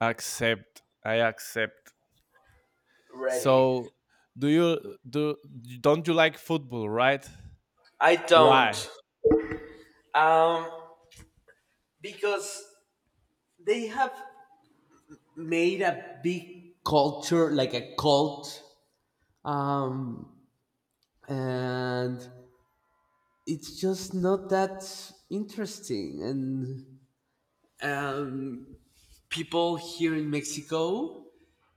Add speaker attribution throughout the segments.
Speaker 1: Accept. I accept.
Speaker 2: Ready.
Speaker 1: So, do you do Don't you like football, right?
Speaker 2: I
Speaker 1: Why?
Speaker 2: don't. Um, because they have made a big culture, like a cult, um, and it's just not that interesting. And um, people here in Mexico,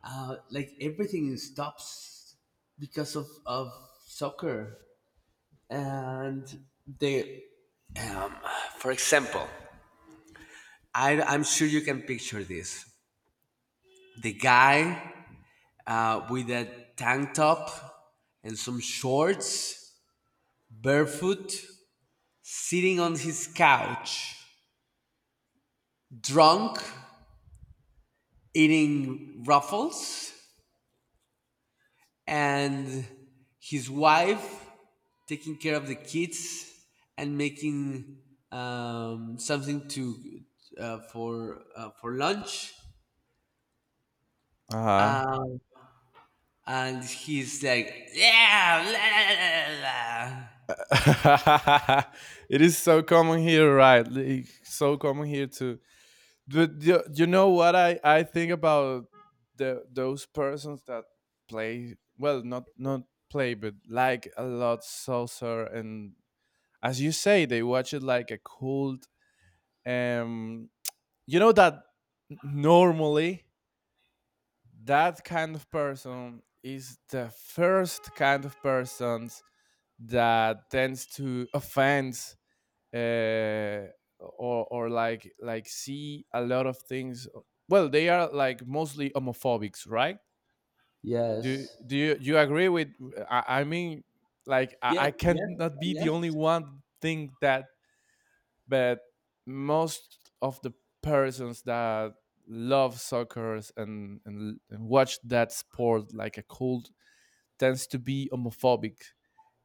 Speaker 2: like everything stops because of soccer and they, for example, I'm sure you can picture this, the guy, with a tank top and some shorts, barefoot, sitting on his couch, drunk, eating ruffles, and his wife taking care of the kids and making something to for lunch.
Speaker 1: Uh-huh.
Speaker 2: Um, and he's like, yeah, la, la, la, la, la."
Speaker 1: It is so common here, right? Like, so common here too. But you know what I think about the those persons that play well, not play, but like a lot saucer and, as you say, they watch it like a cult. Um, you know that normally that kind of person is the first kind of persons that tends to offend, uh, or like see a lot of things. Well, they are like mostly homophobics, right? Do
Speaker 2: Yes.
Speaker 1: do you you agree with? I mean, like I,
Speaker 2: yes,
Speaker 1: I can't not be the
Speaker 2: yes,
Speaker 1: only one think that, but most of the persons that love soccer and watch that sport like a cult tends to be homophobic,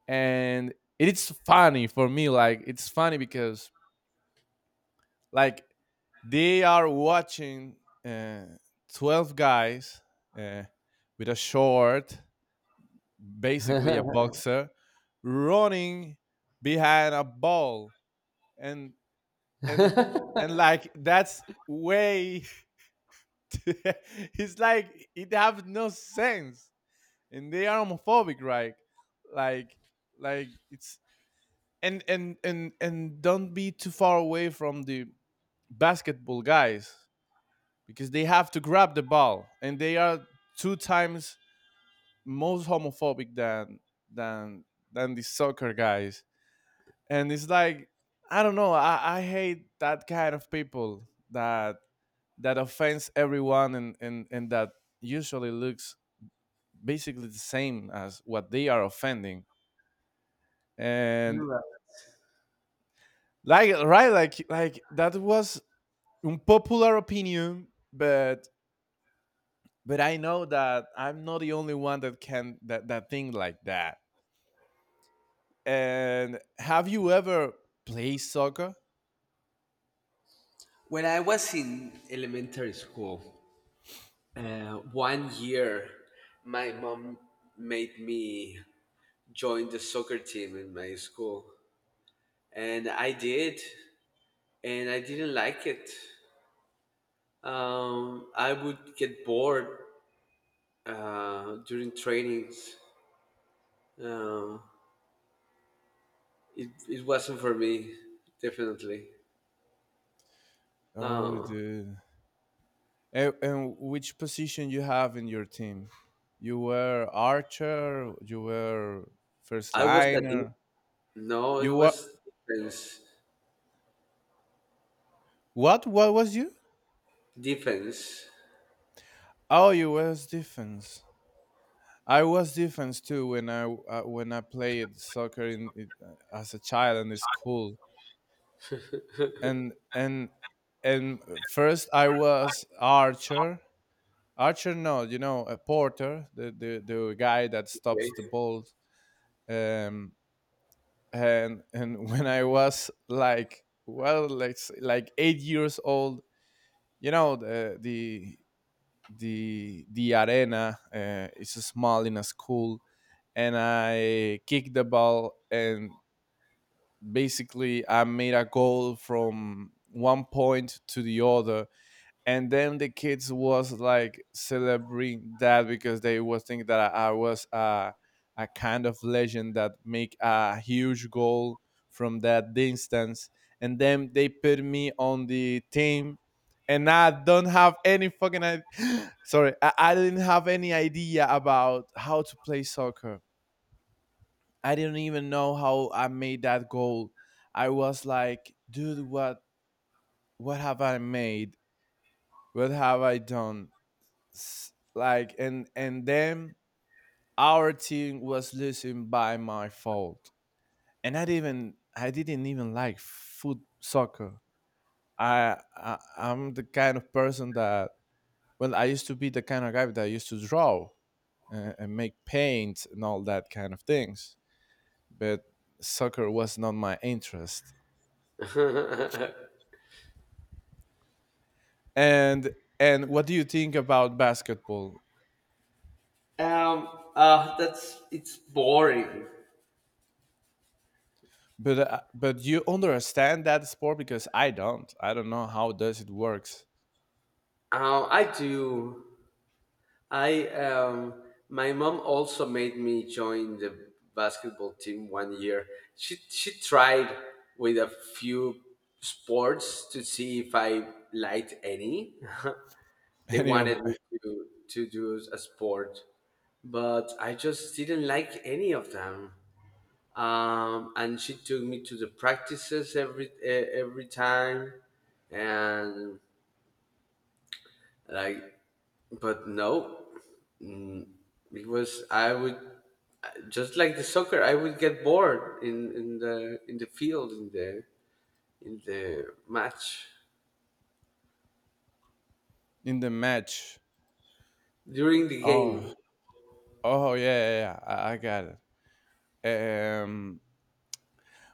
Speaker 1: and it's funny for me, like it's funny because like they are watching uh, 12 guys uh, with a short, basically
Speaker 2: yes.
Speaker 1: a boxer, running behind a ball and and and like that's way. It's like it have no sense, and they are homophobic, right? like like it's, and don't be too far away from the basketball guys, because they have to grab the ball and they are two times most homophobic than than than the soccer guys, and it's like I don't know. I hate that kind of people that offends everyone and that usually looks basically the same as what they are offending.
Speaker 2: You're
Speaker 1: And
Speaker 2: right.
Speaker 1: like right, like that was unpopular opinion, but I know that I'm not the only one that can that, that think like that. And have you ever played soccer?
Speaker 2: When I was in elementary school, 1 year, my mom made me join the soccer team in my school, and I did, and I didn't like it. I would get bored during trainings. Uh, it wasn't for me, definitely.
Speaker 1: Oh,
Speaker 2: Uh,
Speaker 1: dude. And which position you have in your team? You were archer, you were first
Speaker 2: I was a deep.
Speaker 1: liner.
Speaker 2: No, it
Speaker 1: You what?
Speaker 2: was defense.
Speaker 1: What? What was you?
Speaker 2: Defense.
Speaker 1: Oh, you was defense. I was defense too when I played soccer as a child in the school, and and and first I was archer. Archer, no, you know, a porter, the guy that
Speaker 2: Okay.
Speaker 1: stops the ball. Um, and when I was like, well, like 8 years old, you know, the arena. It's small in a school, and I kicked the ball, and basically I made a goal from one point to the other, and then the kids was like celebrating that, because they was thinking that I was a kind of legend that make a huge goal from that distance, and then they put me on the team, and I don't have any fucking sorry, I didn't have any idea about how to play soccer. I didn't even know how I made that goal. I was like, dude, what have I made? What have I done? Like and then our team was losing by my fault, and I didn't even like foot soccer. I'm the kind of person that, well, I used to be the kind of guy that used to draw and make paint and all that kind of things, but soccer was not my interest. and and what do you think about basketball?
Speaker 2: Um, that's it's boring.
Speaker 1: But you understand that sport, because I don't know how does it works.
Speaker 2: I do. I my mom also made me join the basketball team 1 year. She tried with a few sports to see if I liked any. They wanted
Speaker 1: Anyway,
Speaker 2: me to do a sport, but I just didn't like any of them. And she took me to the practices every time and like, but no, mm, it was, i would, just like the soccer, I would get bored in the field, in the match,
Speaker 1: in the match.
Speaker 2: during the
Speaker 1: Oh,
Speaker 2: game.
Speaker 1: oh, yeah. I got it.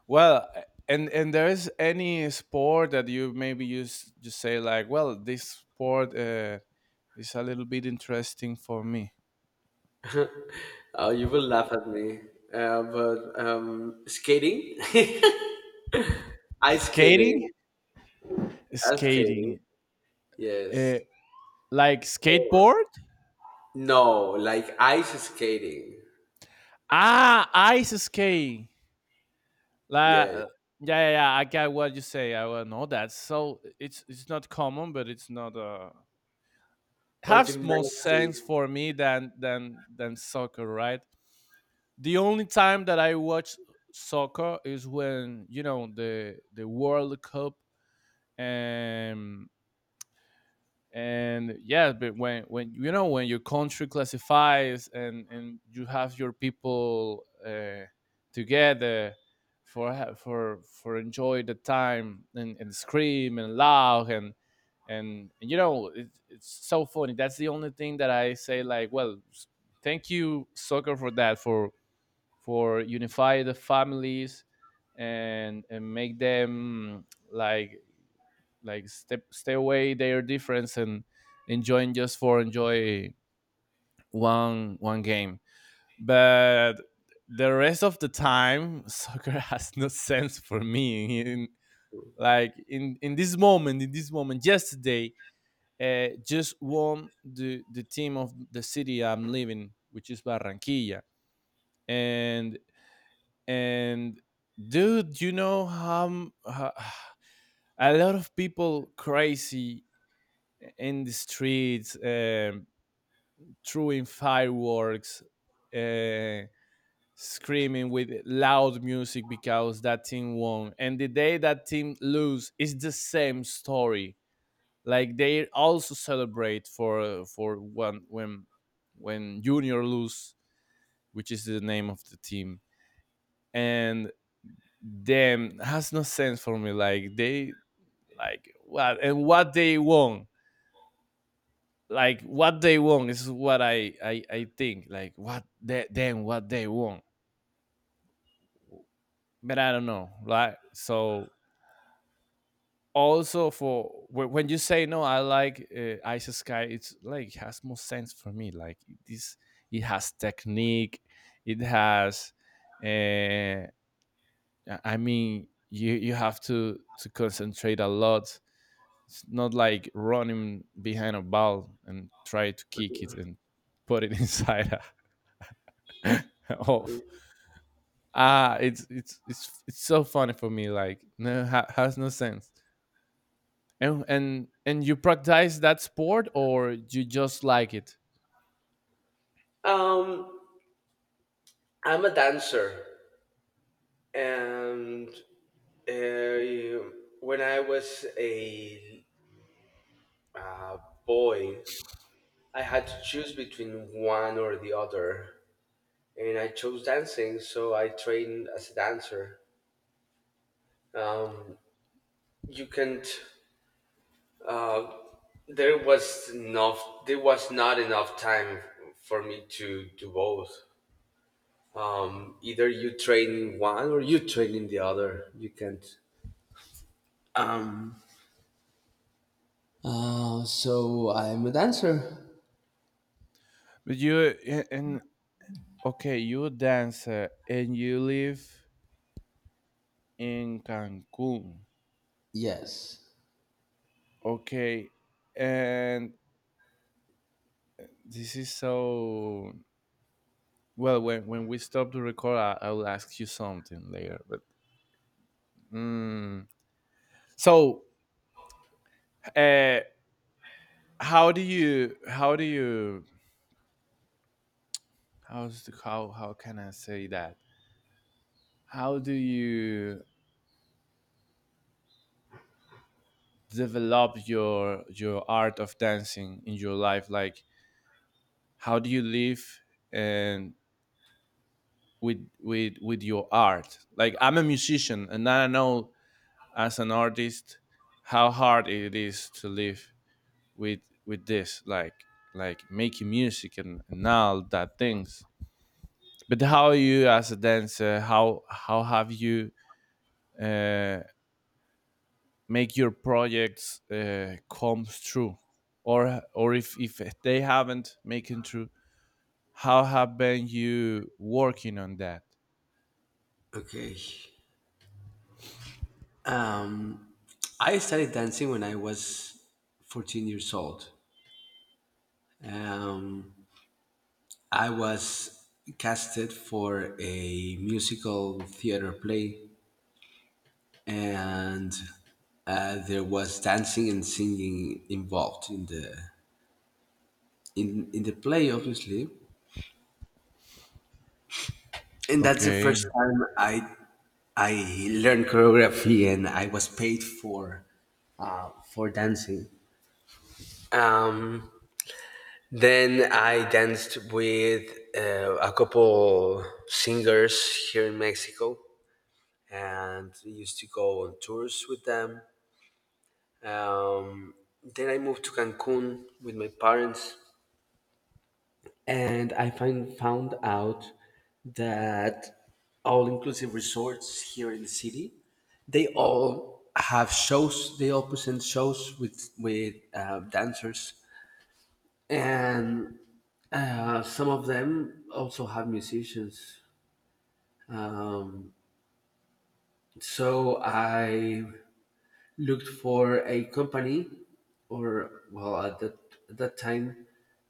Speaker 1: Well, and there is any sport that you maybe use just say like, well, this sport is a little bit interesting for me.
Speaker 2: Oh, you will laugh at me, but skating. Ice skating.
Speaker 1: Skating,
Speaker 2: Ice skating.
Speaker 1: skating,
Speaker 2: Yes.
Speaker 1: uh, like skateboard.
Speaker 2: No, like ice skating.
Speaker 1: Ah, ice skating. Like,
Speaker 2: Yes.
Speaker 1: yeah. I got what you say. I will know that. So it's not common, but it's not uh,
Speaker 2: Or
Speaker 1: have more sense
Speaker 2: gymnastics.
Speaker 1: for me than than soccer, right? The only time that I watch soccer is when, you know, the World Cup. Um and yeah, but when, you know, when your country classifies, and you have your people together for enjoy the time, and scream and laugh and you know it's so funny. That's the only thing that I say like, well, thank you, soccer, for that, for unify the families and make them like like step stay away their difference and enjoying just for enjoy one game. But the rest of the time, soccer has no sense for me in, like, in this moment. In this moment, yesterday, just won the team of the city I'm living, which is Barranquilla, and and dude, you know, how a lot of people crazy in the streets, throwing fireworks, uh, screaming with loud music because that team won. And the day that team lose is the same story. Like they also celebrate for one when Junior lose, which is the name of the team, and them has no sense for me. Like they, like what, and what they won, like what they want is what I think, like what they, then what they want, but I don't know, right? So also for, when you say, no, I like, Ice Sky. It's like it has more sense for me, like this. It has technique, it has uh, I mean, you have to concentrate a lot. It's not like running behind a ball and try to kick it and put it inside a, of, ah, it's so funny for me, like no, has no sense. And you practice that sport, or you just like it?
Speaker 2: Um, I'm a dancer, and uh, when I was a uh, boy, I had to choose between one or the other, and I chose dancing. So I trained as a dancer. Um, you can't. Uh, there was enough. There was not enough time for me to do both. Either you train in one or you train in the other. You can't. Um, so I'm a dancer.
Speaker 1: But you a- and okay, you a dancer, and you live in Cancun.
Speaker 2: Yes.
Speaker 1: Okay. And this is so, well, when we stop to record, I will ask you something later. But, mm, so, uh, how do you, how's the, how can I say that? How do you develop your art of dancing in your life? Like, how do you live and with with your art? Like, I'm a musician, and I know as an artist how hard it is to live with this, like making music, and all that things. But how are you as a dancer? How have you, uh, make your projects come true? Or if they haven't making true, how have been you working on that?
Speaker 2: Okay. Um, I started dancing when I was 14 years old. Um, I was casted for a musical theater play, and there was dancing and singing involved in the in the play, obviously. And that's the first
Speaker 1: okay
Speaker 2: time I learned choreography and I was paid for dancing. Um, then I danced with a couple singers here in Mexico, and I used to go on tours with them. Um, then I moved to Cancun with my parents and I found out that all-inclusive resorts here in the city, they all have shows. They all present shows with dancers, and some of them also have musicians. Um, so I looked for a company, or well, at that time,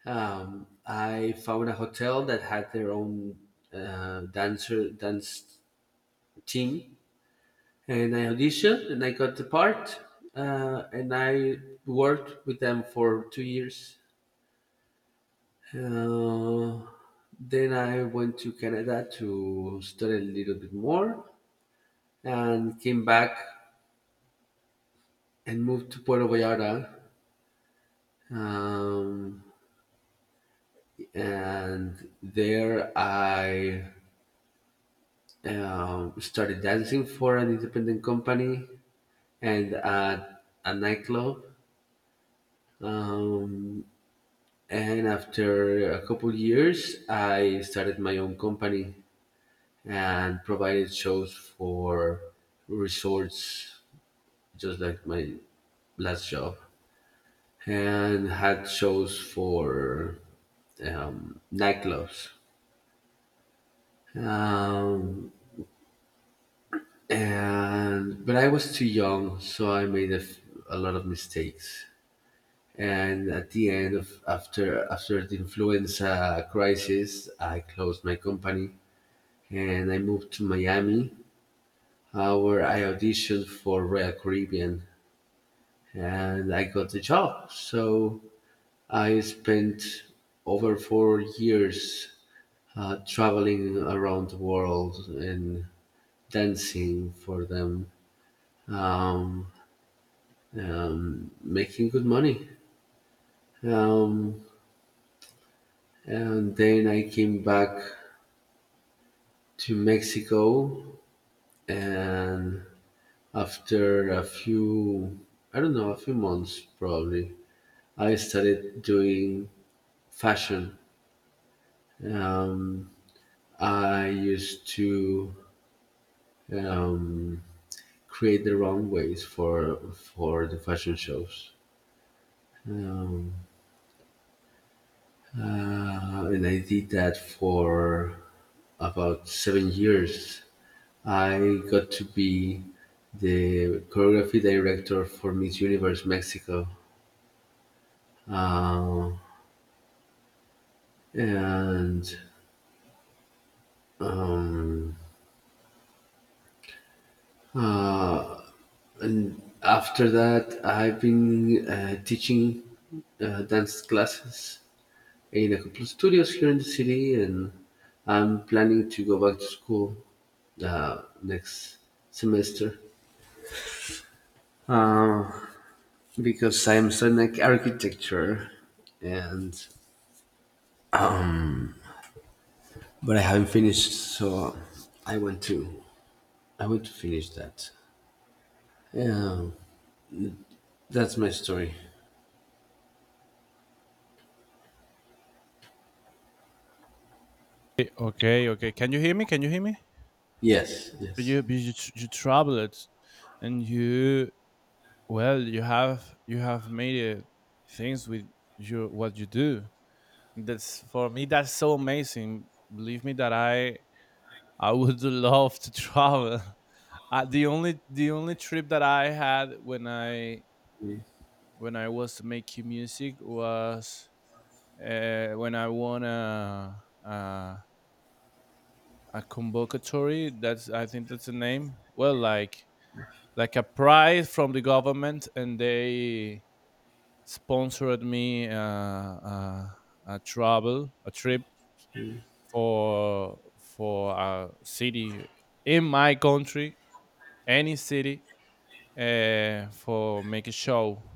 Speaker 2: I found a hotel that had their own dance team, and I auditioned and I got the part, and I worked with them for 2 years. uh, then I went to Canada to study a little bit more, and came back and moved to Puerto Vallarta. Um, and there I started dancing for an independent company and at a nightclub. Um, and after a couple years, I started my own company and provided shows for resorts, just like my last job, and had shows for nightclubs. Um, and but I was too young, so I made a, a lot of mistakes. And at the end of after the influenza crisis, I closed my company and I moved to Miami, where I auditioned for Royal Caribbean, and I got the job. So I spent over 4 years traveling around the world and dancing for them. Um, making good money. Um, and then I came back to Mexico, and after a few, I don't know, a few months probably, I started doing fashion. Um, I used to um, create the runways for the fashion shows. Um, and I did that for about 7 years. I got to be the choreography director for Miss Universe Mexico, uh, and um, uh, and after that, I've been teaching dance classes in a couple of studios here in the city, and I'm planning to go back to school next semester. Uh, because I'm studying architecture, and but I haven't finished, so I want to, I want to finish that. Yeah, that's my story.
Speaker 1: okay, can you hear me? Can you hear me?
Speaker 2: Yes, yes.
Speaker 1: You you traveled, and you, well, you have, you have made things with your, what you do. That's for me, that's so amazing. Believe me that I would love to travel. The only trip that I had, when I, when I was making music, was when I won a convocatory. That's, I think that's the name. Well, like a prize from the government, and they sponsored me, a travel a trip for a city in my country, any city, for make a show.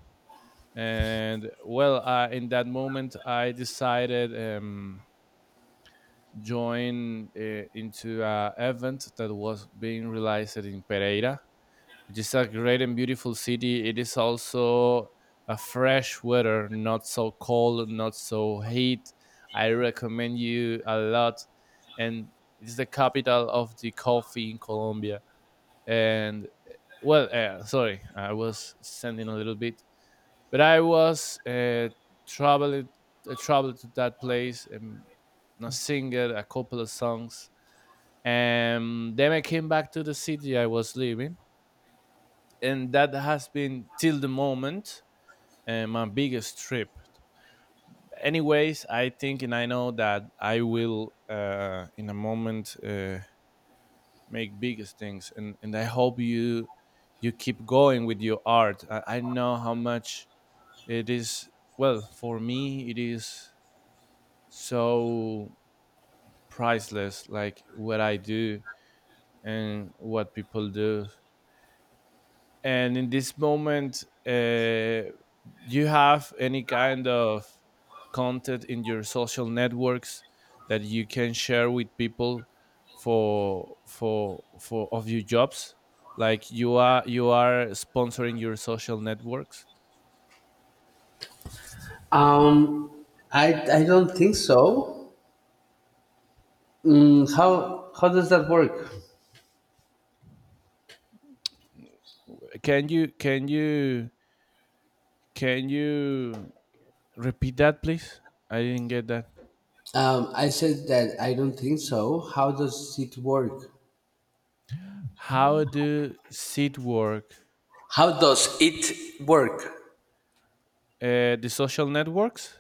Speaker 1: And well, in that moment, I decided, join, into an event that was being realized in Pereira, which is a great and beautiful city. It is also a fresh weather, not so cold, not so heat. I recommend you a lot. And it's the capital of the coffee in Colombia. And well, sorry, I was sending a little bit. But I was, traveling, traveled to that place, and I sing a couple of songs, and then I came back to the city I was living, and that has been till the moment, my biggest trip. Anyways, I think and I know that I will, in a moment, make biggest things, and I hope you, you keep going with your art. I know how much it is. Well, for me, it is so priceless, like what I do and what people do. And in this moment, do you have any kind of content in your social networks that you can share with people for of your jobs, like you are, you are sponsoring your social networks?
Speaker 2: Um, I I don't think so. How does that work?
Speaker 1: can you can you can you repeat that, please? I didn't get that.
Speaker 2: I said that I don't think so. How does it work?
Speaker 1: How do seed work?
Speaker 2: How does it work?
Speaker 1: The social networks?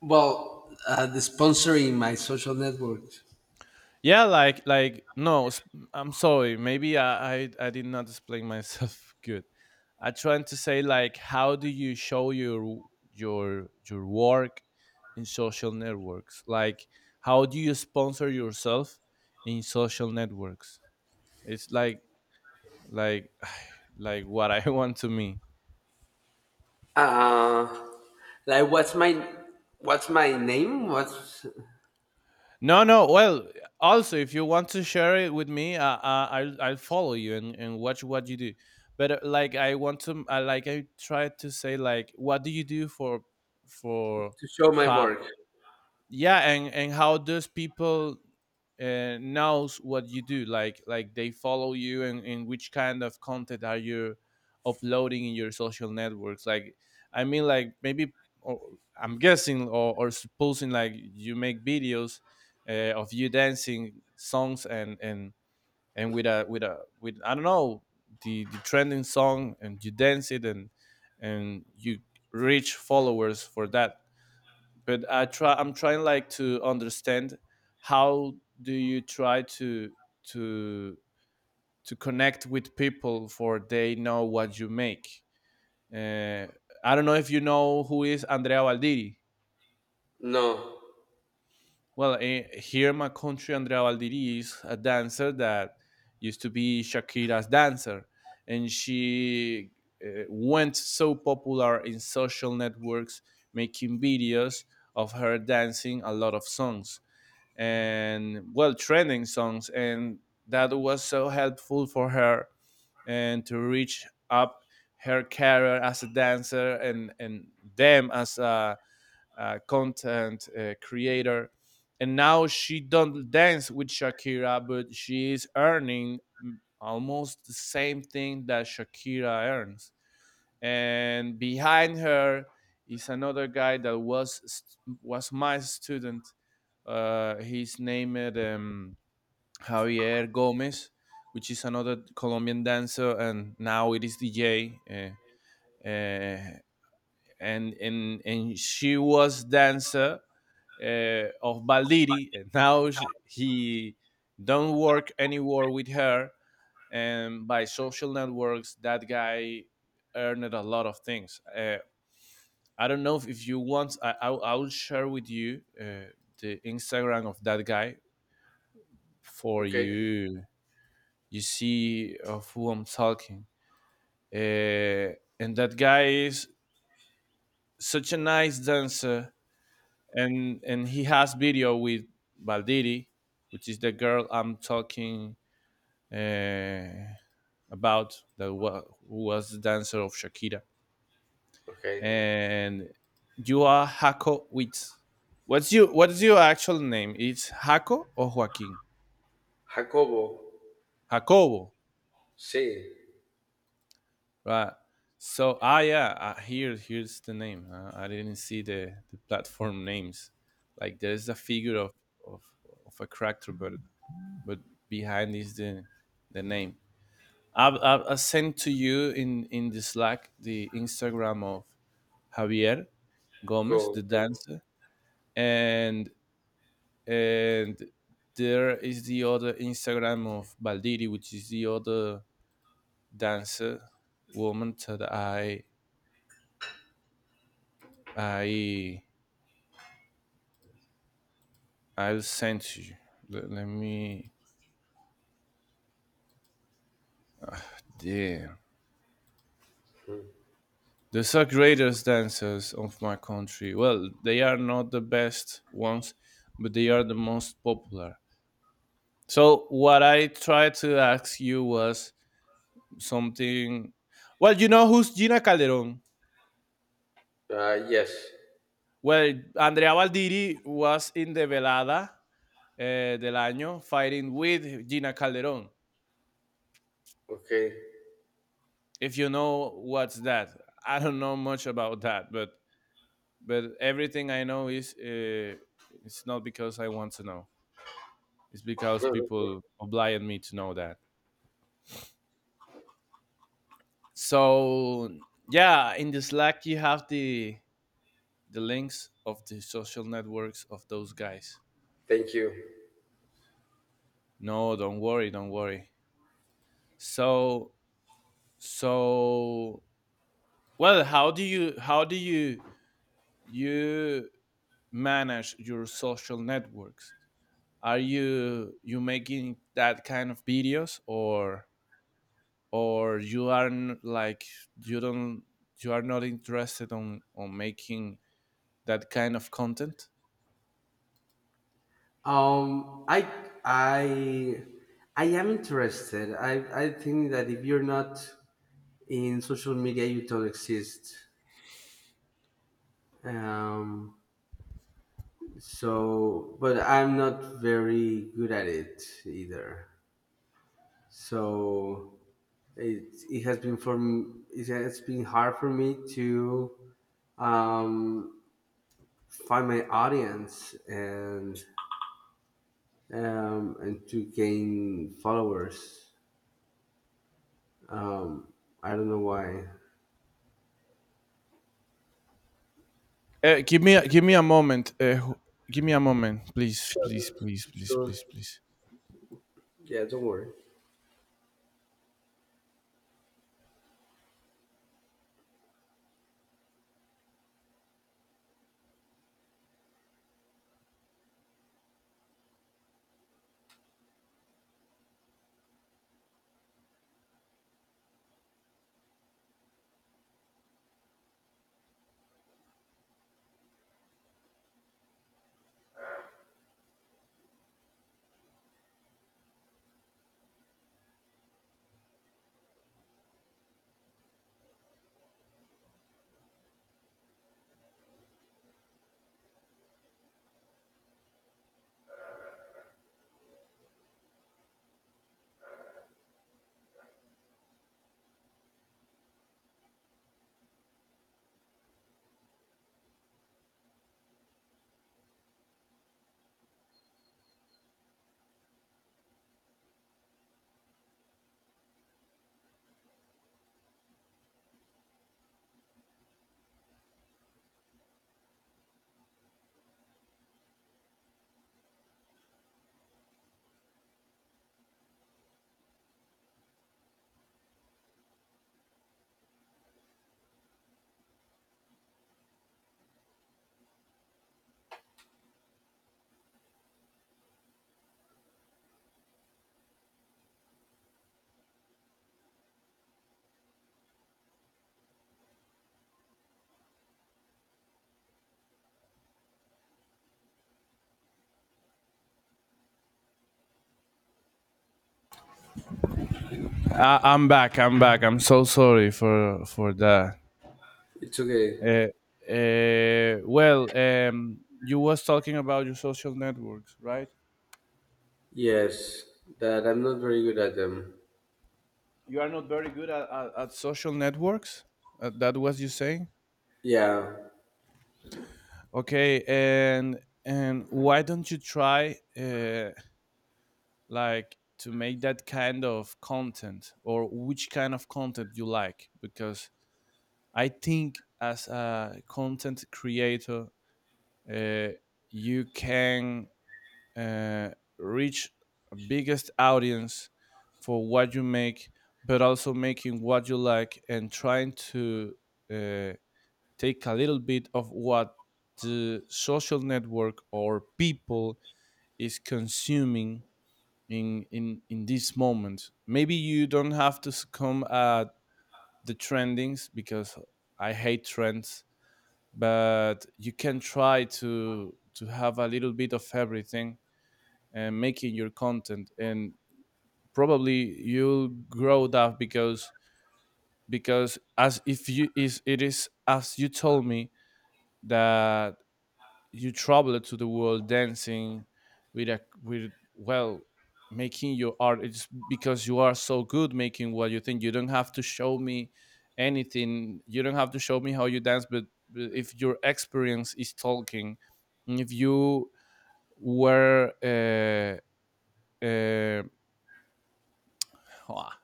Speaker 2: Well, the sponsoring my social network.
Speaker 1: Yeah, like, no. I'm sorry. Maybe I did not explain myself good. I'm trying to say, like, how do you show your your work in social networks? Like, how do you sponsor yourself in social networks? It's like, like like what I want to me.
Speaker 2: Uh, like what's my name? What's to
Speaker 1: No, no. Well, also, if you want to share it with me, I'll follow you, and watch what you do. But like, I want to like I try to say like, what do you do for
Speaker 2: show my
Speaker 1: uh,
Speaker 2: work?
Speaker 1: yeah, and how does people knows what you do, like they follow you, and which kind of content are you uploading in your social networks, like I mean like maybe or, I'm guessing or supposing like you make videos of you dancing songs, and with a with a with I don't know, the trending song, and you dance it, and you reach followers for that. But I try. I'm trying like to understand how do you try to to connect with people for they know what you make. Uh, I don't know if you know who is Andrea Valdiri.
Speaker 2: No.
Speaker 1: Well, here in my country, Andrea Valdiri is a dancer that used to be Shakira's dancer, and she went so popular in social networks, making videos of her dancing a lot of songs. And well trending songs, and that was so helpful for her and to reach up her career as a dancer, and them as a content creator. And now she don't dance with Shakira, but she is earning almost the same thing that Shakira earns, and behind her is another guy that was my student. He's named Javier Gomez, which is another Colombian dancer, and now it is DJ. Uh, and she was dancer of Baldiri, and now sh he don't work anymore with her. And by social networks, that guy earned a lot of things. I don't know if you want. I will share with you the Instagram of that guy for
Speaker 2: Okay.
Speaker 1: you. You see of who I'm talking. Uh, and that guy is such a nice dancer, and he has video with Valdiri, which is the girl I'm talking uh, about who was the dancer of Shakira.
Speaker 2: Okay.
Speaker 1: And you are Jaco Witz. What's you? What's your actual name? It's Jaco or Joaquin?
Speaker 2: Jacobo.
Speaker 1: Jacobo,
Speaker 2: Sí.
Speaker 1: right? So yeah, here's the name. I didn't see the platform names. Like there's a figure of, of a character, but but behind is the name. I sent to you in the Slack the Instagram of Javier Gomez,
Speaker 2: Cool.
Speaker 1: the
Speaker 2: Thanks.
Speaker 1: dancer, and and there is the other Instagram of Baldiri, which is the other dancer woman that I I'll send to you. Let me there. These are greatest dancers of my country. Well, they are not the best ones, but they are the most popular. So what I tried to ask you was something. Well, you know who's Gina Calderon.
Speaker 2: Yes.
Speaker 1: Well, Andrea Baldiri was in the Velada del año, fighting with Gina Calderón.
Speaker 2: Okay.
Speaker 1: If you know what's that, I don't know much about that, but everything I know is, it's not because I want to know. It's because people oblige me to know that. So yeah, in the Slack you have the links of the social networks of those guys.
Speaker 2: Thank you.
Speaker 1: No, don't worry, don't worry. So so well, how do you manage your social networks? Are you making that kind of videos, or you aren't like, you don't, you are not interested on making that kind of content?
Speaker 2: Um, I I I am interested. I think that if you're not in social media, you don't exist. Um, so, but I'm not very good at it either. So it has been for it has been hard for me to um, find my audience, and to gain followers. Um, I don't know why.
Speaker 1: Give me a moment. Give me a moment, please, please,
Speaker 2: Sure,
Speaker 1: please, please,
Speaker 2: sure.
Speaker 1: please, please.
Speaker 2: Yeah, don't worry.
Speaker 1: I'm back. I'm back. I'm so sorry for that.
Speaker 2: It's okay.
Speaker 1: Uh, well, you was talking about your social networks, right?
Speaker 2: Yes, that I'm not very good at them.
Speaker 1: You are not very good at social networks. That was you saying.
Speaker 2: Yeah.
Speaker 1: Okay, and why don't you try, like, to make that kind of content, or which kind of content you like? Because I think as a content creator, uh, you can uh, reach the biggest audience for what you make, but also making what you like and trying to, uh, take a little bit of what the social network or people is consuming in this moment. Maybe you don't have to succumb at the trendings, because I hate trends, but you can try to have a little bit of everything and making your content, and probably you'll grow that, because as if you is it is as you told me that you travel to the world dancing with a with well, making your art. It's because you are so good making what you think. You don't have to show me anything, you don't have to show me how you dance, but if your experience is talking, if you were uh, ah,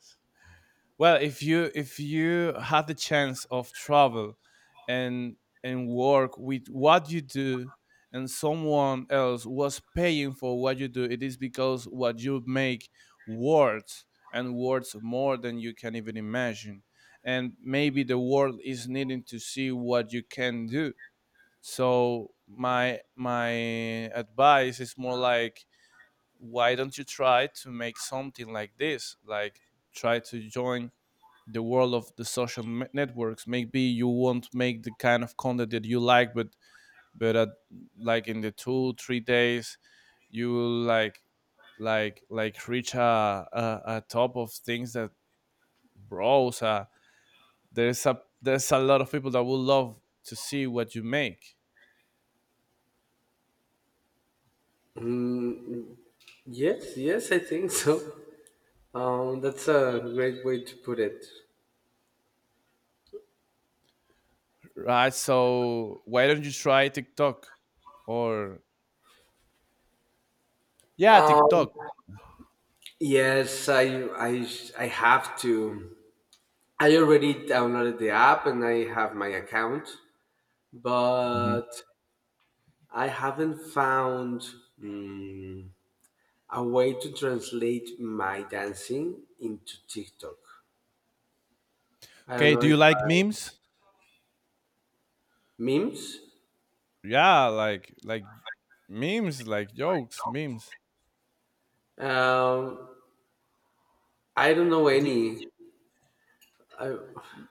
Speaker 1: well, if you had the chance of travel, and and work with what you do, and someone else was paying for what you do, it is because what you make worth, and worth more than you can even imagine. And maybe the world is needing to see what you can do. So my advice is more like, why don't you try to make something like this? Like, try to join the world of the social networks. Maybe you won't make the kind of content that you like, but at, like, in the 2-3 days, you will, like reach a top of things that, bros, there's a lot of people that would love to see what you make,
Speaker 2: Mm, yes, yes, I think so. That's a great way to put it.
Speaker 1: right? So why don't you try TikTok, or yeah,
Speaker 2: Um,
Speaker 1: TikTok.
Speaker 2: Yes, I I have to. I already downloaded the app and I have my account,
Speaker 1: Mhm.
Speaker 2: but I haven't found mm, a way to translate my dancing into TikTok. I don't
Speaker 1: Okay,
Speaker 2: know
Speaker 1: do
Speaker 2: if
Speaker 1: you like
Speaker 2: I,
Speaker 1: memes?
Speaker 2: memes.
Speaker 1: Yeah, like, memes, like jokes memes.
Speaker 2: Um, I don't know any. I,
Speaker 1: Y-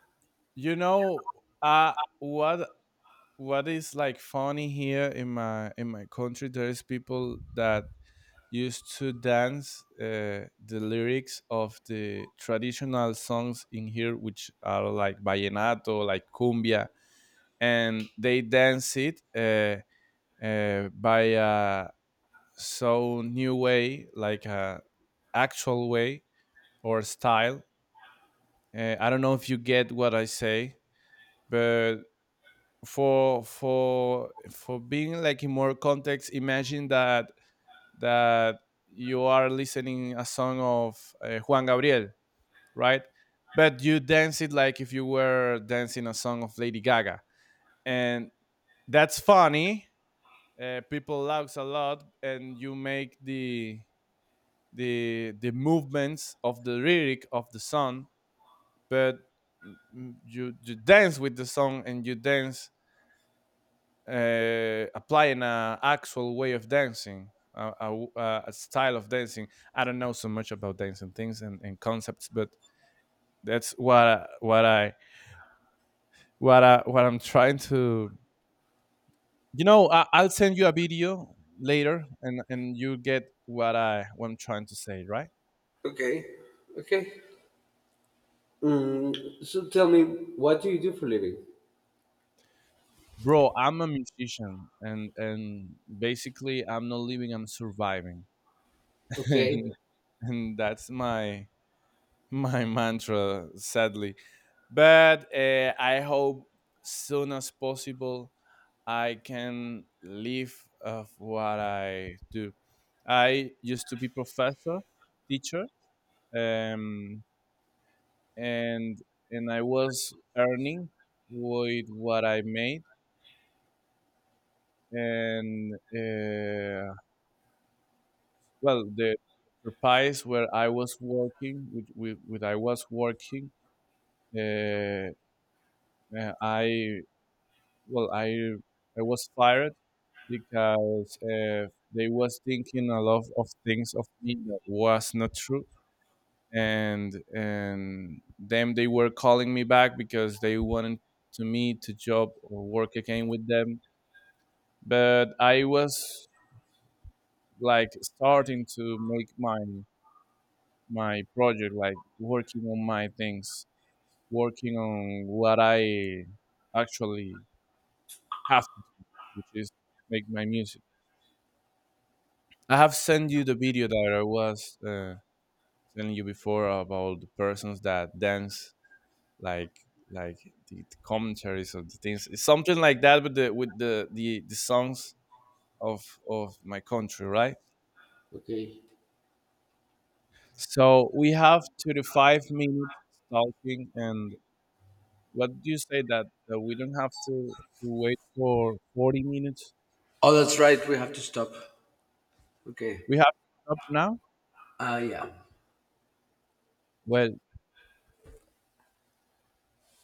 Speaker 1: You know, uh what what is like funny here in my, in my country? There is people that used to dance, the lyrics of the traditional songs in here, which are like vallenato, like cumbia, and they dance it by a so new way, like a actual way or style. I don't know if you get what I say, but for being like in more context, imagine that you are listening a song of Juan Gabriel, right? But you dance it like if you were dancing a song of Lady Gaga, and that's funny. People laughs a lot, and you make the movements of the lyric of the song, but you dance with the song, and you dance, applying an actual way of dancing, a style of dancing. I don't know so much about dancing things and concepts, but that's what I what I what I'm trying to. You know, I'll send you a video later, and you get what I'm trying to say, right?
Speaker 2: okay, okay. So tell me, what do you do for living?
Speaker 1: Bro, I'm a musician, and basically, I'm not living, I'm surviving,
Speaker 2: Okay,
Speaker 1: and and that's my mantra, sadly. But I hope soon as possible I can live of what I do. I used to be professor, teacher, um, and and I was earning with what I made, and, well, the enterprise where I was working, with I was working, uh, I well, I was fired because, they was thinking a lot of things of me that was not true, and then they were calling me back because they wanted to me to job or work again with them, but I was like starting to make my project, like working on my things, working on what I actually have to do, which is make my music. I have sent you the video that I was telling you before about the persons that dance, like like the commentaries of the things. It's something like that with the the songs of of my country, right?
Speaker 2: okay.
Speaker 1: So we have 35 minutes talking, and what do you say that we don't have to wait for 40 minutes?
Speaker 2: Oh, that's right. We have to stop. Okay.
Speaker 1: We have to stop now.
Speaker 2: Yeah.
Speaker 1: Well